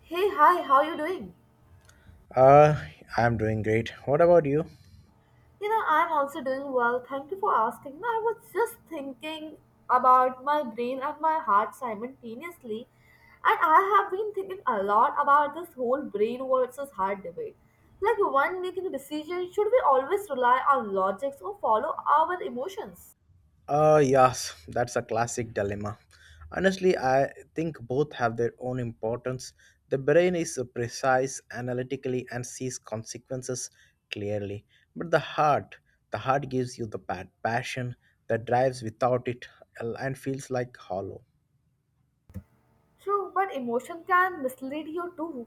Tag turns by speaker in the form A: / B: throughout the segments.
A: Hey, hi, how you doing?
B: Uh, I'm doing great. What about you?
A: You know, I'm also doing well. Thank you for asking. You know, I was just thinking about my brain and my heart simultaneously, and I have been thinking a lot about this whole brain versus heart debate. Like, one making a decision, should we always rely on logics or follow our emotions?
B: Yes, that's a classic dilemma. Honestly, I think both have their own importance. The brain is precise analytically and sees consequences clearly, but the heart gives you the passion that drives without it and feels like hollow.
A: True, but emotion can mislead you too.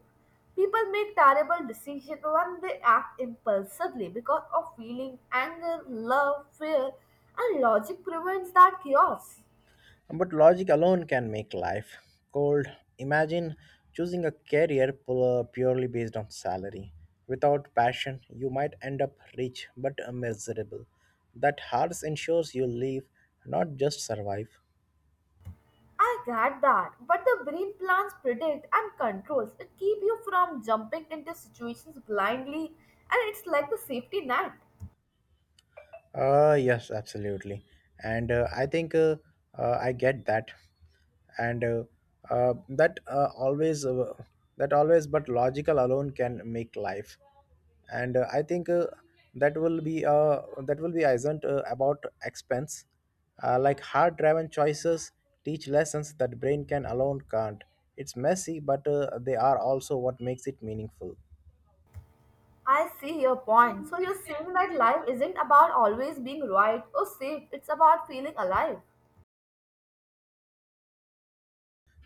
A: People make terrible decisions when they act impulsively because of feeling, anger, love, fear, and logic prevents that chaos.
B: But logic alone can make life cold. Imagine choosing a career purely based on salary. Without passion, you might end up rich but miserable. That hearts ensures you live, not just survive.
A: I get that, but the brain plans, predict, and controls. It keeps you from jumping into situations blindly, and it's like the safety net.
B: Yes, absolutely. And I think I get that. And that always, that always, but logical alone can make life. And I think that will be isn't about expense, like hard driven choices teach lessons that brain can alone can't. It's messy but they are also what makes it meaningful.
A: I see your point. So you're saying that life isn't about always being right or safe. It's about feeling alive.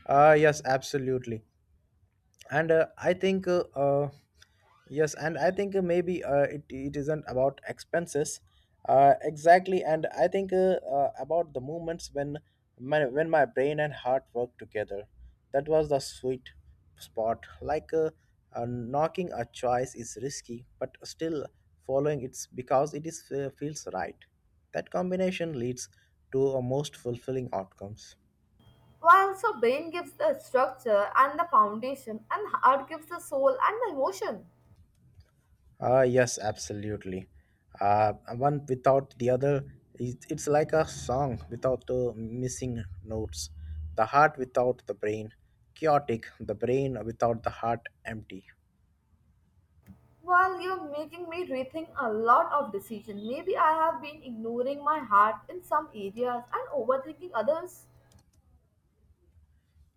B: Yes, absolutely. And I think yes and I think maybe it isn't about expenses. Exactly, and I think about the moments when my brain and heart work together. That was the sweet spot, like knocking a choice is risky but still following it's because it is feels right. That combination leads to a most fulfilling outcomes.
A: While so brain gives the structure and the foundation, and heart gives the soul and the emotion.
B: Yes, absolutely. One without the other, it's like a song without the missing notes. The heart without the brain, chaotic. The brain without the heart, empty.
A: Well, you're making me rethink a lot of decisions. Maybe I have been ignoring my heart in some areas and overthinking others.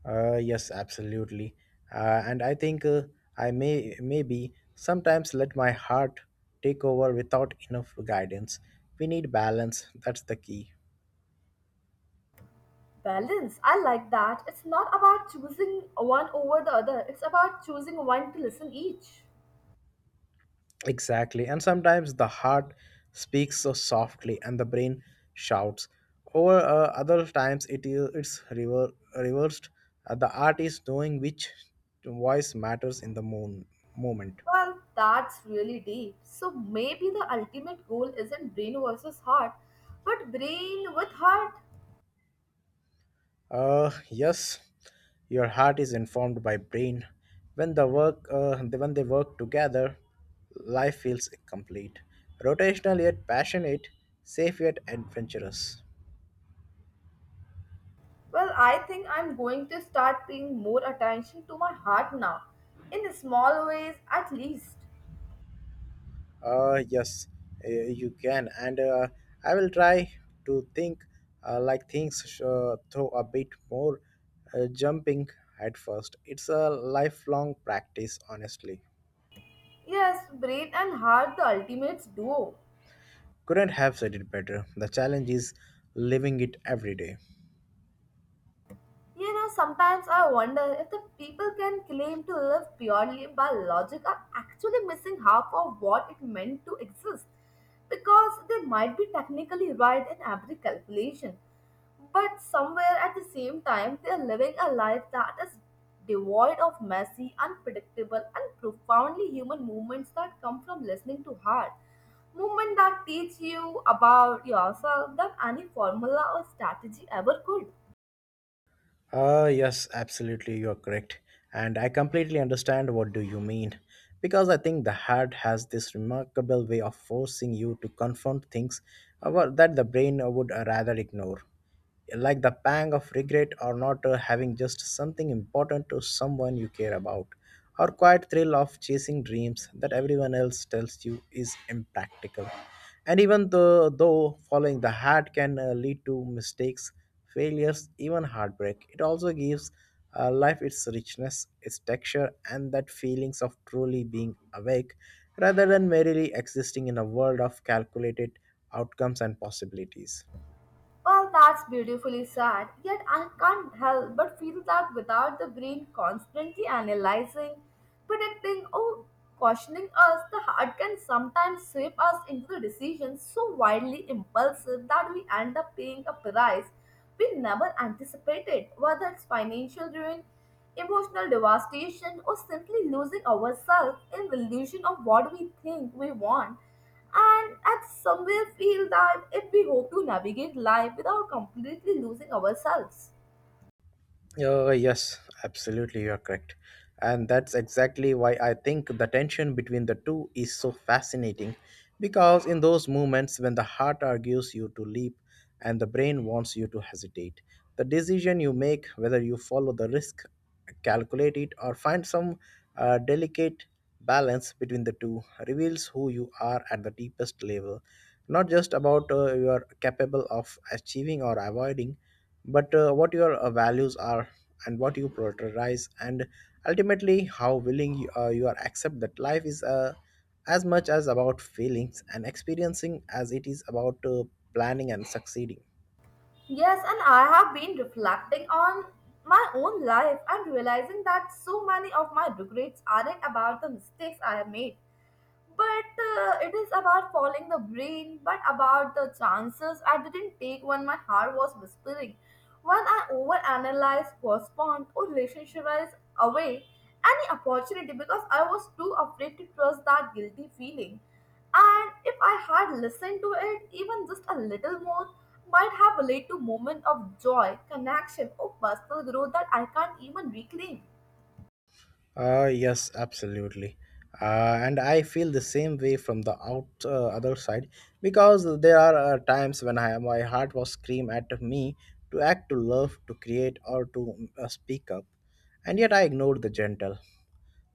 B: Yes, absolutely. And I think I maybe sometimes let my heart take over without enough guidance. We need balance. That's the key.
A: Balance, I like that. It's not about choosing one over the other, it's about choosing one to listen each.
B: Exactly. And sometimes the heart speaks so softly and the brain shouts. Or other times, it's reversed. The art is knowing which voice matters in the moment.
A: Well, that's really deep. So maybe the ultimate goal isn't brain versus heart, but brain with heart.
B: Yes, your heart is informed by brain. When the work uh, when they work together, life feels complete. Rotational yet passionate, safe yet adventurous.
A: Well, I think I'm going to start paying more attention to my heart now, in small ways at least.
B: Yes, you can, and I will try to think like things through a bit more jumping at first. It's a lifelong practice, honestly.
A: Yes, brain and heart, the ultimate duo.
B: Couldn't have said it better. The challenge is living it every day.
A: You know, sometimes I wonder if the people can claim to live purely by logic are actually missing half of what it meant to exist. Because they might be technically right in every calculation, but somewhere at the same time, they are living a life that is devoid of messy, unpredictable, and profoundly human movements that come from listening to heart. Movement that teach you about yourself that any formula or strategy ever could.
B: Yes, absolutely, you're correct, and I completely understand what do you mean. Because I think the heart has this remarkable way of forcing you to confront things that the brain would rather ignore. Like the pang of regret or not having just something important to someone you care about, or quiet thrill of chasing dreams that everyone else tells you is impractical. And even though following the heart can lead to mistakes, failures, even heartbreak, it also gives life its richness, its texture, and that feelings of truly being awake rather than merely existing in a world of calculated outcomes and possibilities.
A: Well, that's beautifully sad, yet I can't help but feel that without the brain constantly analyzing, predicting, or cautioning us, the heart can sometimes shape us into the decisions so wildly impulsive that we end up paying a price we never anticipated, whether it's financial ruin, emotional devastation or simply losing ourselves in the illusion of what we think we want and at somewhere feel that if we hope to navigate life without completely losing ourselves.
B: Yes, absolutely, you're correct. And that's exactly why I think the tension between the two is so fascinating. Because in those moments when the heart argues you to leap and the brain wants you to hesitate, the decision you make, whether you follow the risk, calculate it, or find some delicate balance between the two, reveals who you are at the deepest level. Not just about you are capable of achieving or avoiding, but what your values are, and what you prioritize, and ultimately how willing you are accept that life is as much as about feelings and experiencing as it is about planning and succeeding.
A: Yes, and I have been reflecting on my own life and realizing that so many of my regrets aren't about the mistakes I have made, but it is about following the brain but about the chances I didn't take when my heart was whispering when I overanalyzed postponed or relationshipized away any opportunity because I was too afraid to trust that guilty feeling and if I had listened to it even just a little more might have led to moment of joy connection or personal growth that I can't even reclaim.
B: Yes, absolutely. And I feel the same way from the out other side, because there are times when my heart was scream at me to act, to love, to create, or to speak up. And yet I ignored the gentle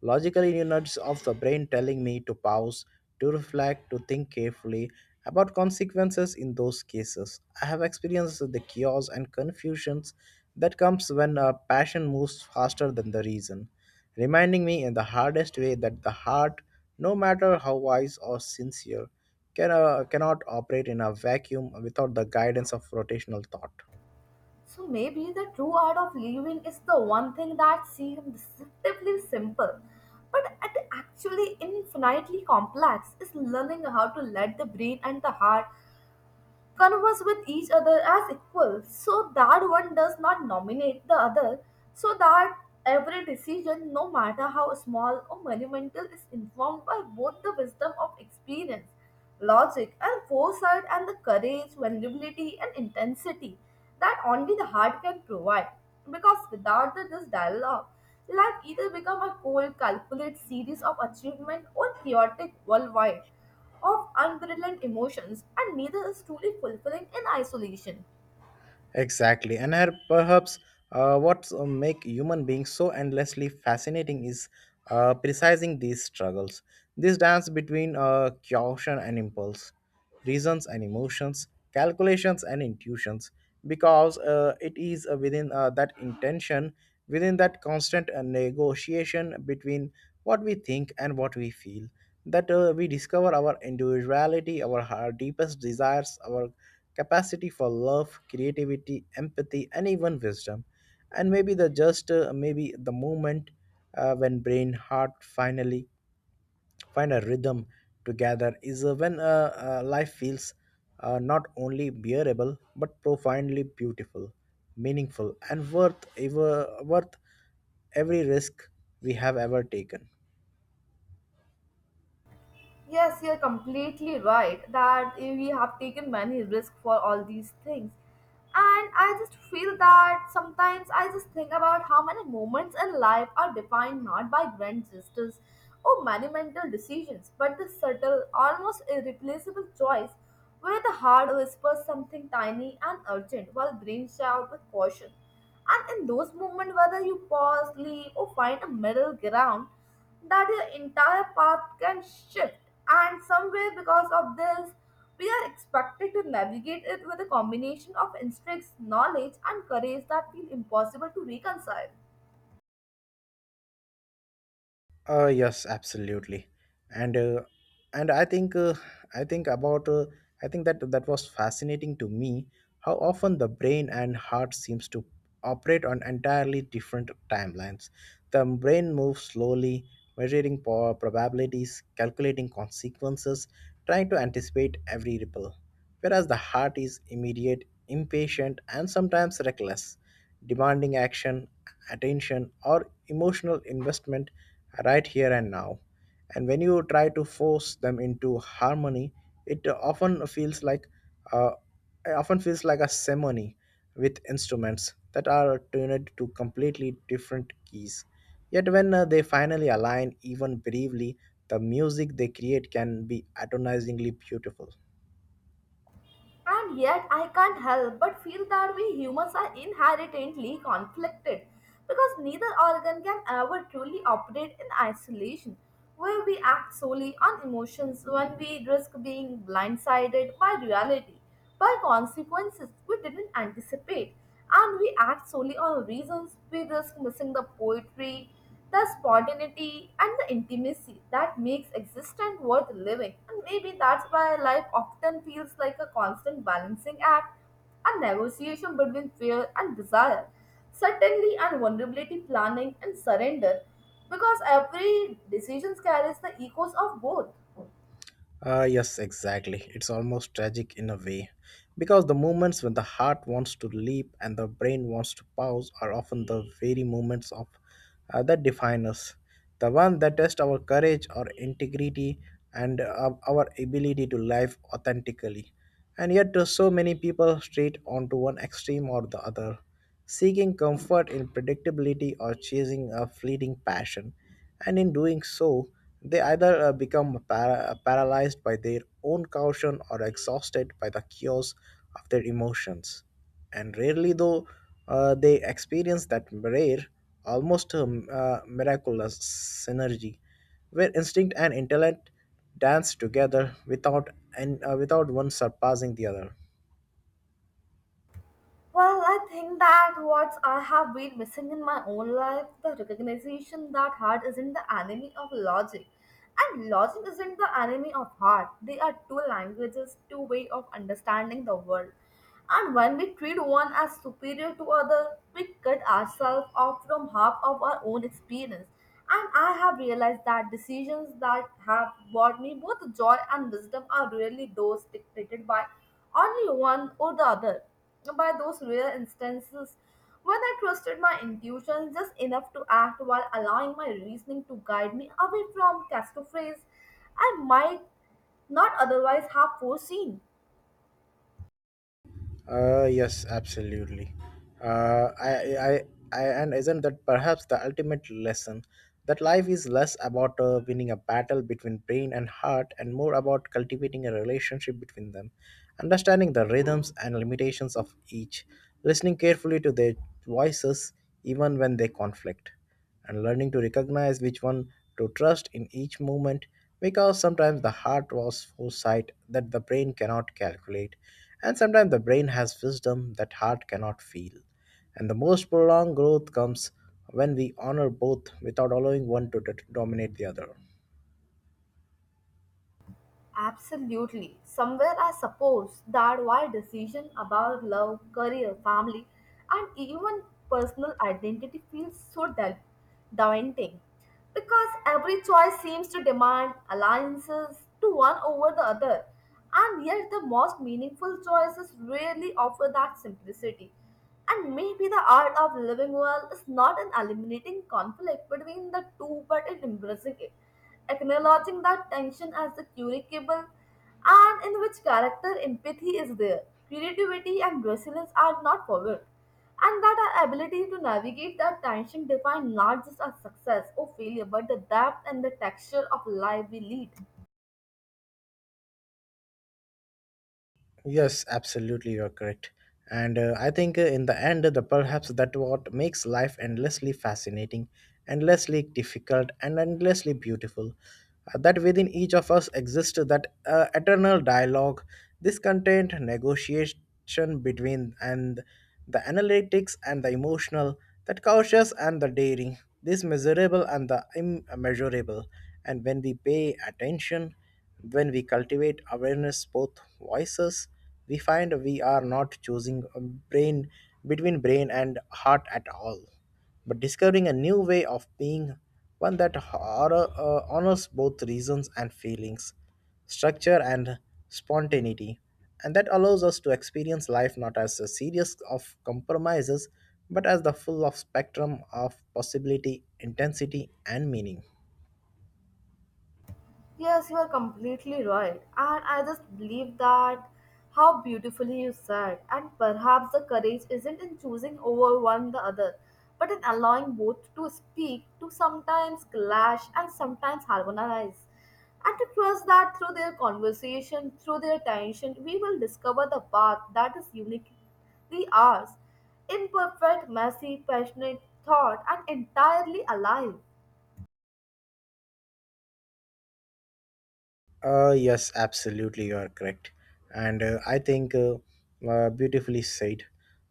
B: logical units of the brain telling me to pause, to reflect, to think carefully about consequences in those cases. I have experienced the chaos and confusions that comes when a passion moves faster than the reason, reminding me in the hardest way that the heart, no matter how wise or sincere, cannot operate in a vacuum without the guidance of rotational thought.
A: So maybe the true art of living is the one thing that seems deceptively simple, but it actually infinitely complex is learning how to let the brain and the heart converse with each other as equals so that one does not nominate the other so that every decision no matter how small or monumental is informed by both the wisdom of experience logic and foresight and the courage vulnerability and intensity that only the heart can provide because without this dialogue life either become a cold calculated series of achievement or chaotic worldwide of unbridled emotions, and neither is truly fulfilling in isolation.
B: Exactly, and her, perhaps what make human beings so endlessly fascinating is precising these struggles, this dance between caution and impulse, reasons and emotions, calculations and intuitions, because it is within that intention, within that constant negotiation between what we think and what we feel, that we discover our individuality, our deepest desires, our capacity for love, creativity, empathy, and even wisdom. And maybe maybe the moment when brain, heart finally find a rhythm together is when life feels not only bearable but profoundly beautiful, meaningful, and worth every risk we have ever taken.
A: Yes, you're completely right that we have taken many risks for all these things. And I just feel that sometimes I just think about how many moments in life are defined not by grand gestures or monumental decisions, but the subtle, almost irreplaceable choice where the heart whispers something tiny and urgent while brain shouts with caution. And in those moments, whether you pause, leave, or find a middle ground, that your entire path can shift and somewhere because of this, we are expected to navigate it with a combination of instincts, knowledge, and courage that feel impossible to reconcile.
B: Yes, absolutely, and uh, and I think about I think that that was fascinating to me how often the brain and heart seems to operate on entirely different timelines. The brain moves slowly, measuring probabilities, calculating consequences, trying to anticipate every ripple, whereas the heart is immediate, impatient, and sometimes reckless, demanding action, attention, or emotional investment right here and now. And when you try to force them into harmony, it often feels like uh, it often feels like a symphony with instruments that are tuned to completely different keys. Yet when they finally align, even briefly, the music they create can be atonizingly beautiful.
A: And yet, I can't help but feel that we humans are inherently conflicted because neither organ can ever truly operate in isolation, where we act solely on emotions when we risk being blindsided by reality, by consequences we didn't anticipate, and we act solely on reasons we risk missing the poetry, the spontaneity, and the intimacy that makes existence worth living. And maybe that's why life often feels like a constant balancing act, a negotiation between fear and desire, certainty and vulnerability, planning and surrender, because every decision carries the echoes of both.
B: Yes, exactly. It's almost tragic in a way. Because the moments when the heart wants to leap and the brain wants to pause are often the very moments of that define us. The one that test our courage, our integrity, and our ability to live authentically. And yet, so many people straight onto one extreme or the other, seeking comfort in predictability or chasing a fleeting passion. And in doing so, they either become paralyzed by their own caution or exhausted by the chaos of their emotions. And rarely, though, they experience that rare, almost miraculous synergy where instinct and intellect dance together without one surpassing the other.
A: Well, I think that what I have been missing in my own life, the recognition that heart isn't the enemy of logic. And logic isn't the enemy of heart. They are two languages, two ways of understanding the world. And when we treat one as superior to other, we cut ourselves off from half of our own experience. And I have realized that decisions that have brought me both joy and wisdom are really those dictated by only one or the other by those rare instances when I trusted my intuition just enough to act while allowing my reasoning to guide me away from catastrophes I might not otherwise have foreseen.
B: Yes, absolutely. Uh, I, I, and isn't that perhaps the ultimate lesson? That life is less about winning a battle between brain and heart and more about cultivating a relationship between them, understanding the rhythms and limitations of each, listening carefully to their voices even when they conflict, and learning to recognize which one to trust in each moment, because sometimes the heart was foresight that the brain cannot calculate, and sometimes the brain has wisdom that heart cannot feel, and the most prolonged growth comes when we honor both without allowing one to dominate the other.
A: Absolutely. Somewhere, I suppose that why decision about love, career, family, and even personal identity feels so daunting, because every choice seems to demand alliances to one over the other, and yet the most meaningful choices rarely offer that simplicity. And maybe the art of living well is not in eliminating conflict between the two, but in embracing it acknowledging that tension as a curable and in which character empathy is there, creativity and resilience are not forward, and that our ability to navigate that tension define not just our success or failure but the depth and the texture of life we lead.
B: Yes, absolutely, you're correct. And I think in the end, the perhaps that what makes life endlessly fascinating, endlessly difficult, and endlessly beautiful. That within each of us exists that eternal dialogue. This content negotiation between and the analytics and the emotional, that cautious and the daring, this measurable and the immeasurable. And when we pay attention, when we cultivate awareness, both voices, we find we are not choosing a brain between brain and heart at all, but discovering a new way of being, one that honors both reasons and feelings, structure and spontaneity, and that allows us to experience life not as a series of compromises, but as the full of spectrum of possibility, intensity, and meaning.
A: Yes, you are completely right. And I just believe that how beautifully you said. And perhaps the courage isn't in choosing over one the other, but in allowing both to speak, to sometimes clash and sometimes harmonize. And to trust that through their conversation, through their tension, we will discover the path that is uniquely ours. Imperfect, messy, passionate, thought, and entirely alive.
B: Yes, absolutely, you are correct. And I think beautifully said.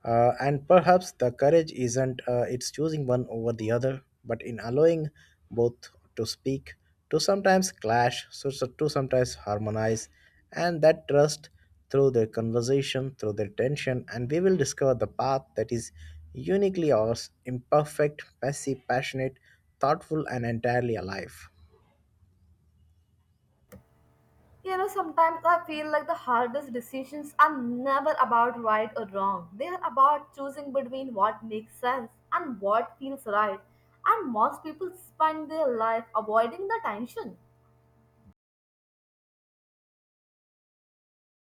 B: And perhaps the courage isn't it's choosing one over the other, but in allowing both to speak, to sometimes clash, to sometimes harmonize, and that trust through their conversation, through their tension, and we will discover the path that is uniquely ours, imperfect, messy, passionate, thoughtful, and entirely alive.
A: You know, sometimes I feel like the hardest decisions are never about right or wrong. They are about choosing between what makes sense and what feels right. And most people spend their life avoiding the tension.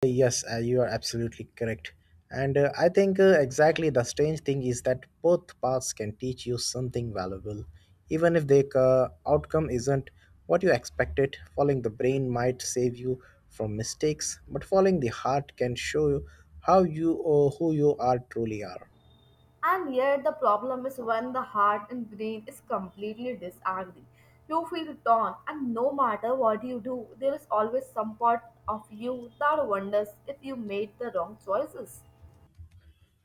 B: Yes, you are absolutely correct. And I think exactly, the strange thing is that both paths can teach you something valuable. Even if the outcome isn't what you expected, following the brain might save you from mistakes, but following the heart can show you how you or who you are truly are.
A: And yet, the problem is when the heart and brain is completely disagree. You feel torn, and no matter what you do, there is always some part of you that wonders if you made the wrong choices.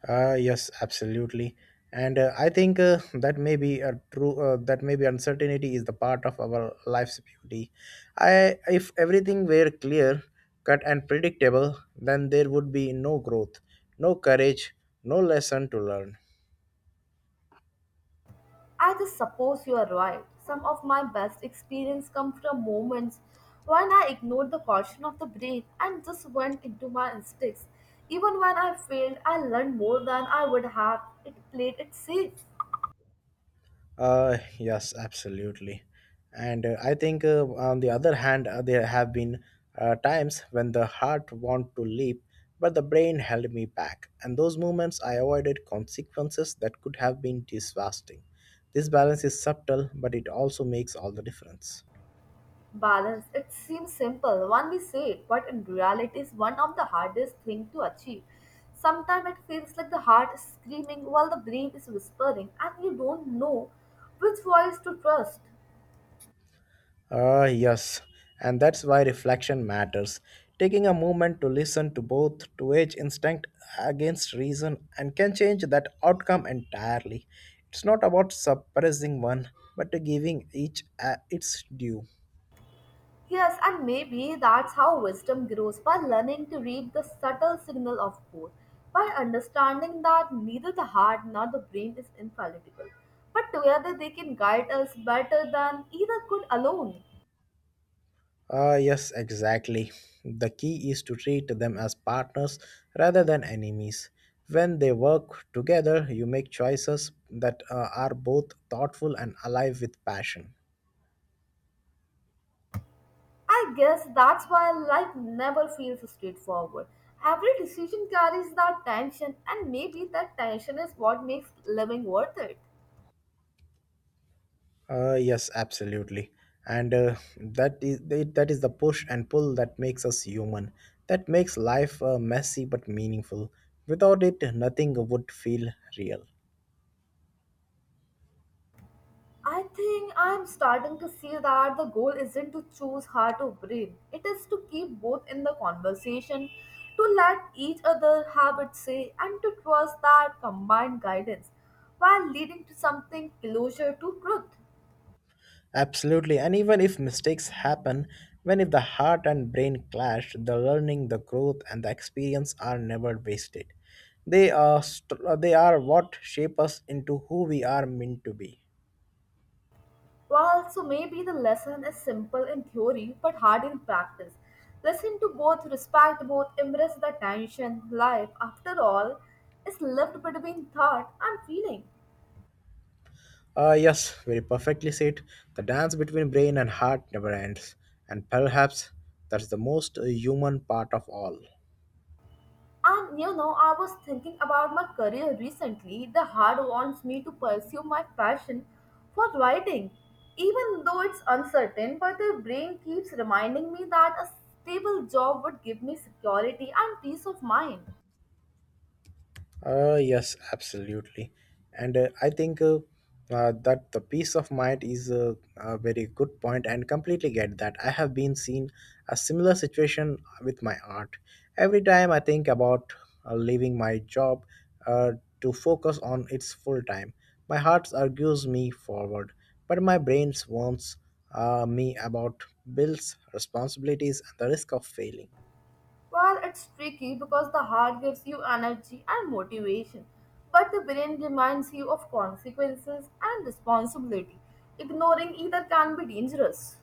B: Yes, absolutely. And I think that may be a true. That maybe uncertainty is the part of our life's beauty. If everything were clear, cut, and predictable, then there would be no growth, no courage, no lesson to learn.
A: I just suppose you are right. Some of my best experience come from moments when I ignored the caution of the brain and just went into my instincts. Even when I failed, I learned more than I would have. It played it safe.
B: Yes, absolutely. And I think, on the other hand, there have been times when the heart want to leap, but the brain held me back. And those moments, I avoided consequences that could have been devastating. This balance is subtle, but it also makes all the difference.
A: Balance. It seems simple when we say it, but in reality is one of the hardest thing to achieve. Sometimes it feels like the heart is screaming while the brain is whispering and you don't know which voice to trust.
B: Ah, yes, and that's why reflection matters. Taking a moment to listen to both to age instinct against reason and can change that outcome entirely. It's not about suppressing one, but giving each its due.
A: Yes, and maybe that's how wisdom grows by learning to read the subtle signal of both, by understanding that neither the heart nor the brain is infallible, but together they can guide us better than either could alone.
B: Ah, yes, exactly. The key is to treat them as partners rather than enemies. When they work together, you make choices that are both thoughtful and alive with passion.
A: I guess that's why life never feels straightforward. Every decision carries that tension, and maybe that tension is what makes living worth it.
B: Yes, absolutely. And that is the push and pull that makes us human. That makes life messy but meaningful. Without it, nothing would feel real.
A: I think I'm starting to see that the goal isn't to choose heart or brain. It is to keep both in the conversation, to let each other have its say, and to trust that combined guidance while leading to something closer to truth.
B: Absolutely. And even if mistakes happen, when if the heart and brain clash, the learning, the growth, and the experience are never wasted. They are what shape us into who we are meant to be.
A: Well, so maybe the lesson is simple in theory but hard in practice. Listen to both, respect both, embrace the tension. Life, after all, is lived between thought and feeling.
B: Yes, very perfectly said. The dance between brain and heart never ends, and perhaps that's the most human part of all.
A: And you know, I was thinking about my career recently. The heart wants me to pursue my passion for writing, even though it's uncertain, but the brain keeps reminding me that a stable job would give me security and peace of mind.
B: Yes, absolutely. And I think that the peace of mind is a very good point and completely get that. I have been seen a similar situation with my art. Every time I think about leaving my job uh, to focus on its full time, my heart argues me forward, but my brain warns me about bills, responsibilities, and the risk of failing.
A: Well, it's tricky because the heart gives you energy and motivation, but the brain reminds you of consequences and responsibility. Ignoring either can be dangerous.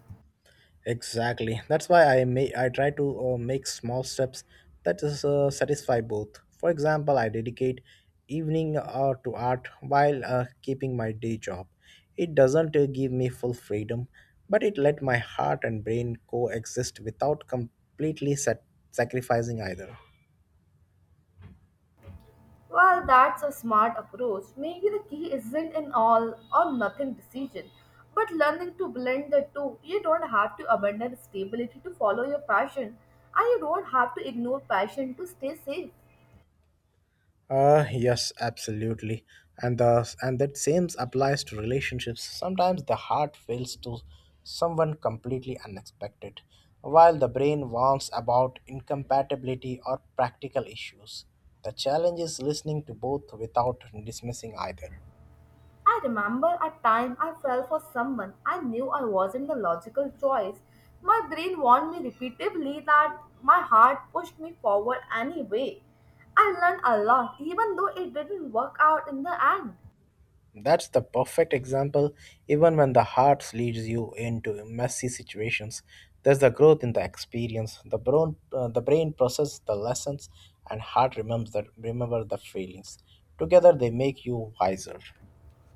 B: Exactly. That's why I try to make small steps that is satisfy both. For example, I dedicate evening to art while keeping my day job. It doesn't give me full freedom, but it let my heart and brain coexist without completely sacrificing either.
A: Well, that's a smart approach. Maybe the key isn't an all or nothing decision, but learning to blend the two. You don't have to abandon stability to follow your passion, and you don't have to ignore passion to stay safe.
B: Yes, absolutely. And that same applies to relationships. Sometimes the heart fails to someone completely unexpected, while the brain warns about incompatibility or practical issues. The challenge is listening to both without dismissing either.
A: I remember a time I fell for someone I knew I wasn't the logical choice. My brain warned me repeatedly that my heart pushed me forward anyway. I learned a lot, even though it didn't work out in the end.
B: That's the perfect example. Even when the heart leads you into messy situations, there's the growth in the experience. The brain processes the lessons, and heart remembers that remember the feelings. Together, they make you wiser.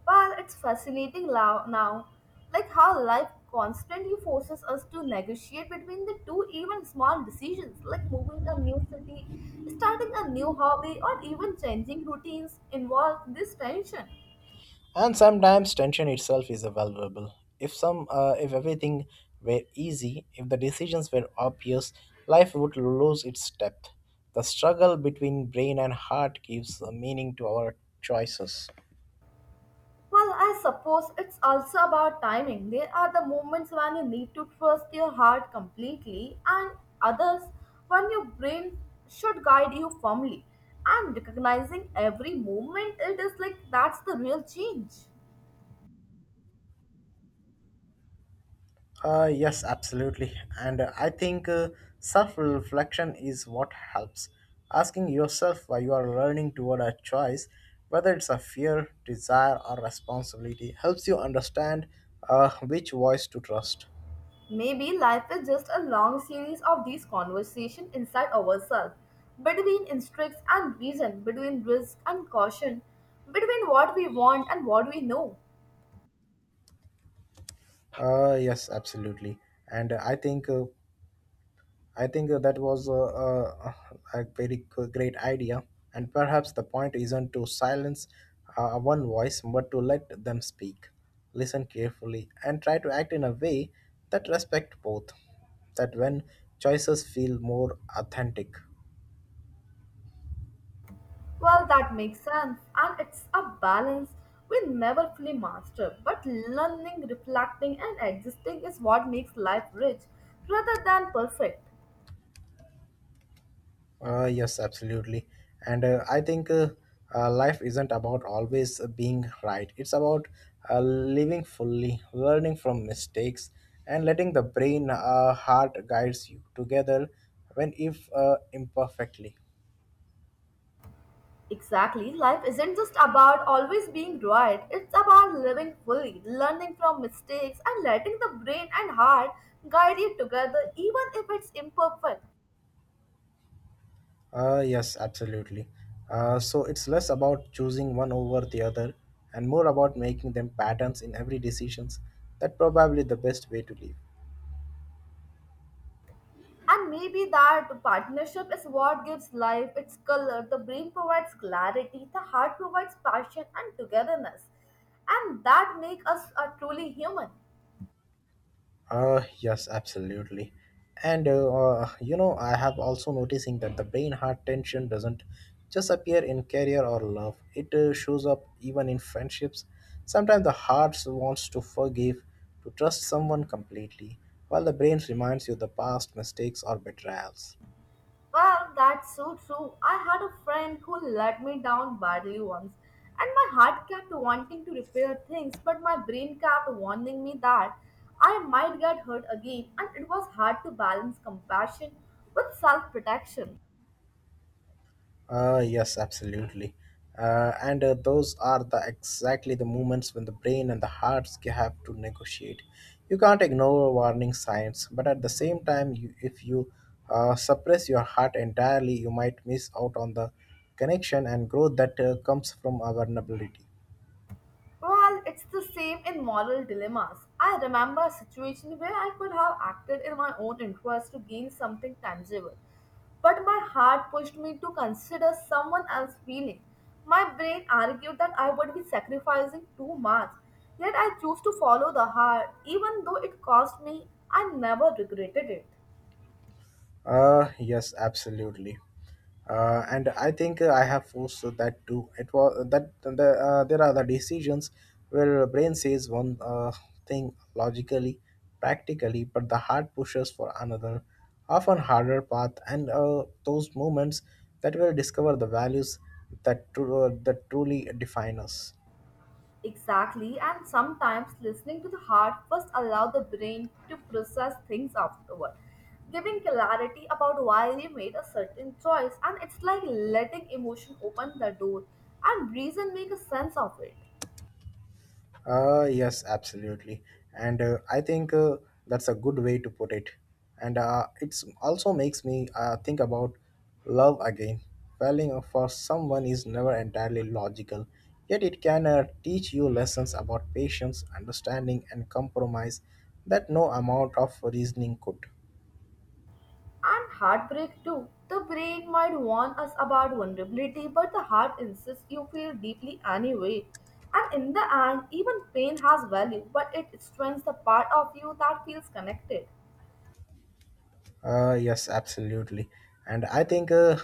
A: Well, it's fascinating now, like how life constantly forces us to negotiate between the two even small decisions, like moving a new city, starting a new hobby, or even changing routines involve this tension.
B: And sometimes tension itself is available. If everything were easy, if the decisions were obvious, life would lose its depth. The struggle between brain and heart gives a meaning to our choices.
A: Well, I suppose it's also about timing. There are the moments when you need to trust your heart completely, and others when your brain should guide you firmly. And recognizing every moment, it is like that's the real change.
B: Yes, absolutely. And I think Self reflection is what helps. Asking yourself why you are learning toward a choice, whether it's a fear, desire, or responsibility, helps you understand which voice to trust.
A: Maybe life is just a long series of these conversations inside ourselves, between instincts and reason, between risk and caution, between what we want and what we know.
B: Yes, absolutely. And I think that was a very great idea, and perhaps the point isn't to silence one voice but to let them speak. Listen carefully and try to act in a way that respect both, that when choices feel more authentic.
A: Well, that makes sense, and it's a balance we never fully master. But learning, reflecting, and existing is what makes life rich rather than perfect.
B: Yes, absolutely. And I think Life isn't about always being right. It's about living fully, learning from mistakes, and letting the brain, heart guides you together when if imperfectly.
A: Exactly. Life isn't just about always being right. It's about living fully, learning from mistakes, and letting the brain and heart guide you together, even if it's imperfect.
B: Yes, absolutely. So it's less about choosing one over the other and more about making them patterns in every decisions. That probably the best way to live.
A: And maybe that partnership is what gives life its color. The brain provides clarity, the heart provides passion and togetherness. And that makes us a truly human.
B: Yes, absolutely. And You know, I have also noticing that the brain heart tension doesn't just appear in career or love. It shows up even in friendships. Sometimes the heart wants to forgive, to trust someone completely, while the brain reminds you the past mistakes or betrayals.
A: Well, that's so true. I had a friend who let me down badly once, and my heart kept wanting to repair things, but my brain kept warning me that I might get hurt again, and it was hard to balance compassion with self protection.
B: Yes, absolutely. And Those are the exactly the moments when the brain and the hearts have to negotiate. You can't ignore warning signs, but at the same time, you, if you suppress your heart entirely, you might miss out on the connection and growth that comes from our vulnerability.
A: Well, it's the same in moral dilemmas. I remember a situation where I could have acted in my own interest to gain something tangible, but my heart pushed me to consider someone else's feeling. My brain argued that I would be sacrificing too much, yet I chose to follow the heart, even though it cost me. I never regretted it.
B: Yes, absolutely. And I think I have forced that too. It was that the, there are the decisions where the brain says one thing logically, practically, but the heart pushes for another, often harder path. And those moments that will discover the values that truly define us.
A: Exactly, and sometimes listening to the heart first allow the brain to process things afterward, giving clarity about why you made a certain choice, and it's like letting emotion open the door and reason make a sense of it.
B: Yes, absolutely. And I think That's a good way to put it. And it's also makes me think about love again. Falling for someone is never entirely logical, yet it can teach you lessons about patience, understanding, and compromise that no amount of reasoning could.
A: And heartbreak too. The brain might warn us about vulnerability, but the heart insists you feel deeply anyway. And in the end, even pain has value, but it strengthens the part of you that feels connected.
B: Yes, absolutely. And I think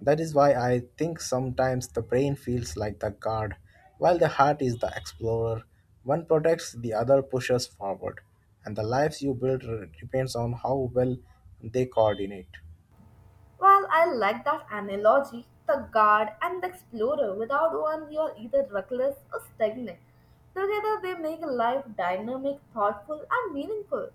B: That is why I think sometimes the brain feels like the guard, while the heart is the explorer. One protects, the other pushes forward, and the lives you build depends on how well they coordinate.
A: Well, I like that analogy. The guard and the explorer. Without one, you are either reckless or stagnant. Together, they make life dynamic, thoughtful, and meaningful.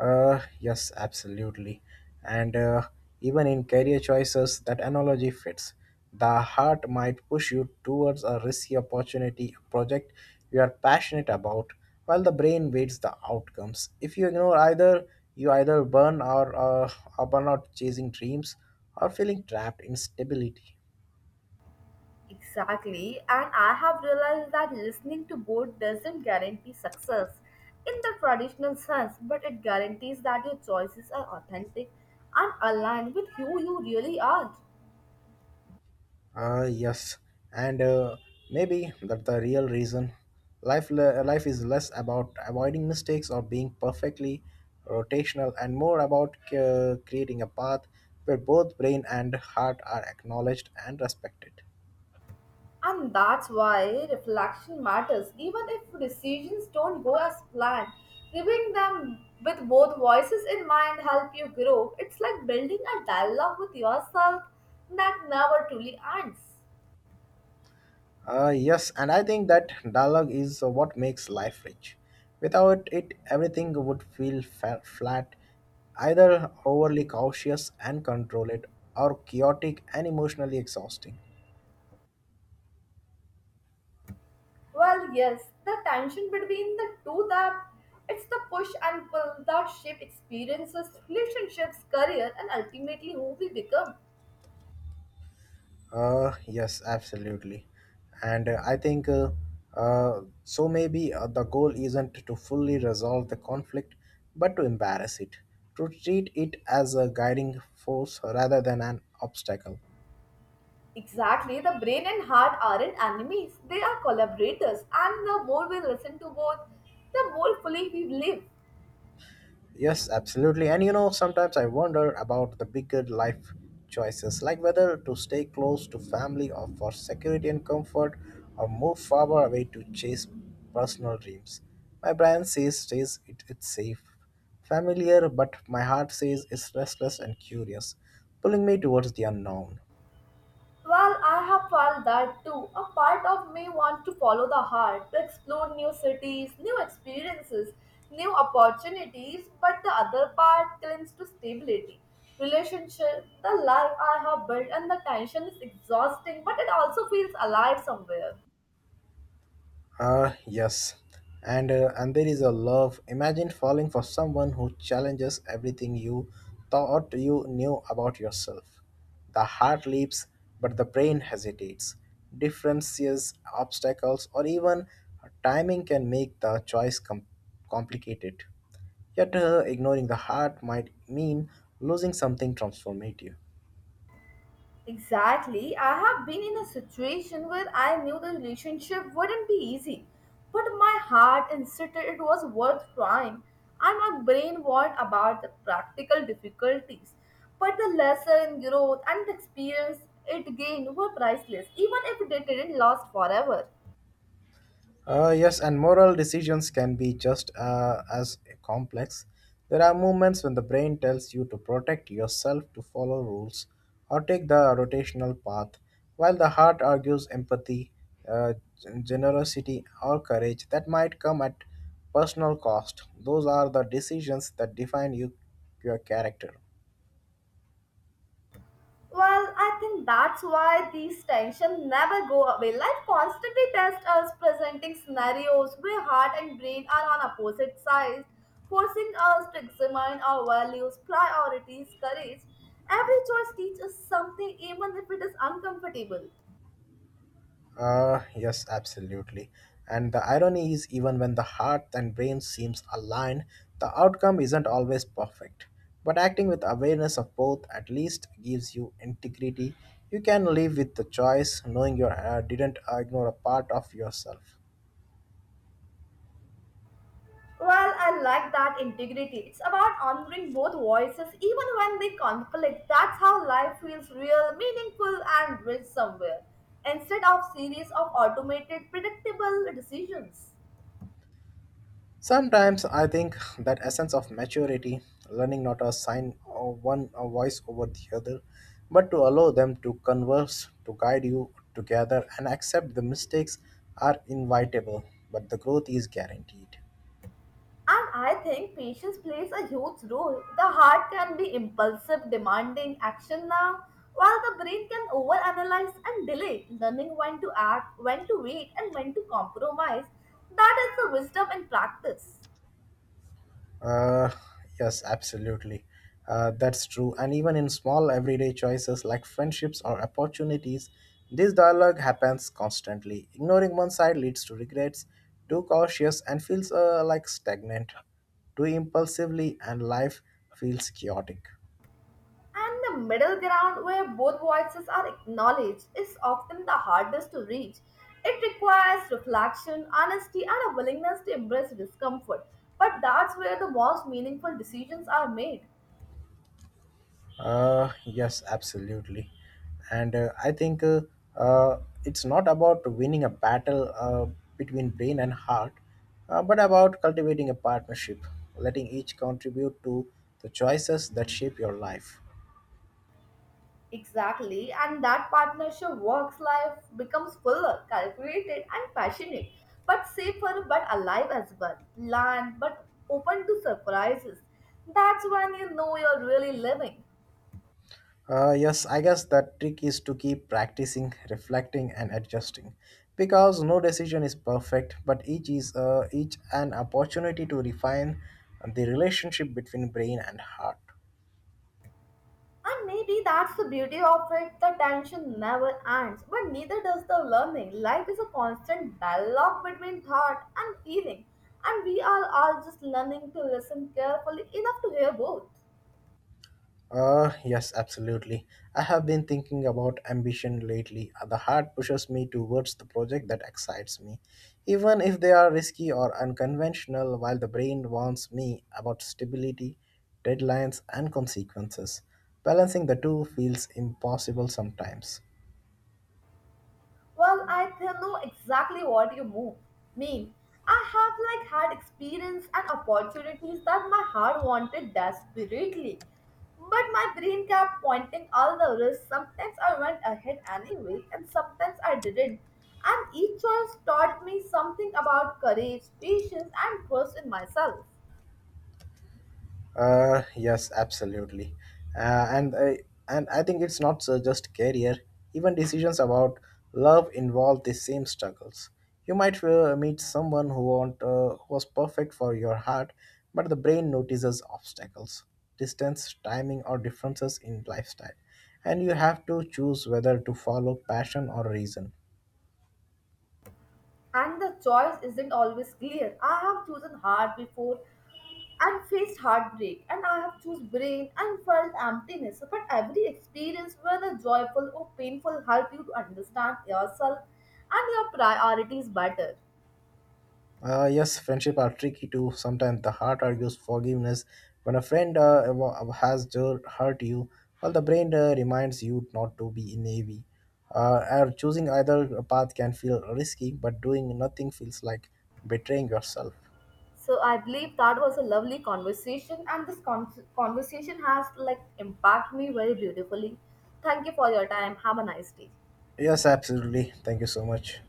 B: Yes, absolutely. And even in career choices, that analogy fits. The heart might push you towards a risky opportunity, a project you are passionate about, while the brain weighs the outcomes. If you ignore either, you either burn or burn out chasing dreams or feeling trapped in stability.
A: Exactly, and I have realized that listening to both doesn't guarantee success in the traditional sense, but it guarantees that your choices are authentic and aligned with who you really are.
B: Ah, yes, and maybe that the real reason life is less about avoiding mistakes or being perfectly rotational and more about creating a path where both brain and heart are acknowledged and respected.
A: And that's why reflection matters. Even if decisions don't go as planned, reviewing them with both voices in mind help you grow. It's like building a dialogue with yourself that never truly ends.
B: Ah, yes, and I think that dialogue is what makes life rich. Without it, everything would feel flat, either overly cautious and controlled, or chaotic and emotionally exhausting.
A: Well, yes, the tension between the two that it's the push and pull that shape experiences, relationships, career, and ultimately who we become.
B: Yes, absolutely. And I think so maybe the goal isn't to fully resolve the conflict, but to embarrass it, to treat it as a guiding force rather than an obstacle.
A: Exactly, the brain and heart aren't enemies, they are collaborators, and the more we listen to both, the more fully we live.
B: Yes, absolutely. And you know, sometimes I wonder about the bigger life choices, like whether to stay close to family or for security and comfort, or move far away to chase personal dreams. My brain says stays it, it's safe, familiar, but my heart says it's restless and curious, pulling me towards the unknown.
A: Well, I have felt that too. A part of me wants to follow the heart, to explore new cities, new experiences, new opportunities, but the other part clings to stability. Relationship, the life I have built, and the tension is exhausting, but it also feels alive somewhere.
B: Ah, yes. And there is a love. Imagine falling for someone who challenges everything you thought you knew about yourself. The heart leaps, but the brain hesitates. Differences, obstacles, or even timing can make the complicated. Yet, ignoring the heart might mean losing something transformative.
A: Exactly. I have been in a situation where I knew the relationship wouldn't be easy, but my heart insisted it was worth trying, and my brain warned about the practical difficulties. But the lesson, growth, and the experience it gained were priceless, even if it didn't last forever.
B: Yes, and moral decisions can be just as complex. There are moments when the brain tells you to protect yourself, to follow rules, or take the rotational path, while the heart argues empathy, uh, generosity, or courage that might come at personal cost. Those are the decisions that define you, your character.
A: Well, I think that's why these tensions never go away. Life constantly tests us, presenting scenarios where heart and brain are on opposite sides, forcing us to examine our values, priorities, courage. Every choice teaches us something, even if it is uncomfortable.
B: Yes, absolutely. And the irony is, even when the heart and brain seems aligned, the outcome isn't always perfect. But acting with awareness of both at least gives you integrity. You can live with the choice, knowing you didn't ignore a part of yourself.
A: Well, I like that integrity. It's about honoring both voices even when they conflict. That's how life feels real, meaningful, and rich somewhere, instead of series of automated, predictable decisions.
B: Sometimes I think that essence of maturity, learning not to assign one a voice over the other, but to allow them to converse, to guide you together, and accept the mistakes are inevitable, but the growth is guaranteed.
A: And I think patience plays a huge role. The heart can be impulsive, demanding action now, while the brain can overanalyze and delay, learning when to act, when to wait, and when to compromise. That is the wisdom in practice.
B: Uh, yes, absolutely. That's true. And even in small everyday choices like friendships or opportunities, this dialogue happens constantly. Ignoring one side leads to regrets, too cautious and feels like stagnant, too impulsively, and life feels chaotic.
A: And the middle ground where both voices are acknowledged is often the hardest to reach. It requires reflection, honesty, and a willingness to embrace discomfort. But that's where the most meaningful decisions are made.
B: Yes, absolutely. And I think uh, it's not about winning a battle between brain and heart, but about cultivating a partnership, letting each contribute to the choices that shape your life.
A: Exactly, and that partnership works life becomes fuller, calculated, and passionate, but safer but alive as well, planned but open to surprises. That's when you know you're really living.
B: Yes, I guess that trick is to keep practicing, reflecting, and adjusting, because no decision is perfect, but each is each an opportunity to refine the relationship between brain and heart.
A: And maybe that's the beauty of it. The tension never ends, but neither does the learning. Life is a constant dialogue between thought and feeling, and we are all just learning to listen carefully enough to hear both.
B: Yes, absolutely. I have been thinking about ambition lately. The heart pushes me towards the project that excites me, even if they are risky or unconventional, while the brain warns me about stability, deadlines, and consequences. Balancing the two feels impossible sometimes.
A: Well, know exactly what you mean. I have like had experience and opportunities that my heart wanted desperately. But my brain kept pointing all the risks. Sometimes I went ahead anyway, and sometimes I didn't. And each choice taught me something about courage, patience, and trust in myself.
B: Yes, absolutely. Uh, and I, and I think it's not so just career. Even decisions about love involve the same struggles. You might meet someone who was perfect for your heart, but the brain notices obstacles, distance, timing, or differences in lifestyle, and you have to choose whether to follow passion or reason.
A: And the choice isn't always clear. I have chosen hard before and faced heartbreak and I have chose brain and felt emptiness. But every experience, whether joyful or painful, help you to understand yourself and your priorities better.
B: Yes, friendship are tricky too. Sometimes the heart argues forgiveness. When a friend hurt you, well, the brain reminds you not to be naive. Navy. And choosing either path can feel risky, but doing nothing feels like betraying yourself.
A: So I believe that was a lovely conversation and this conversation has like impacted me very beautifully. Thank you for your time. Have a nice day.
B: Yes, absolutely. Thank you so much.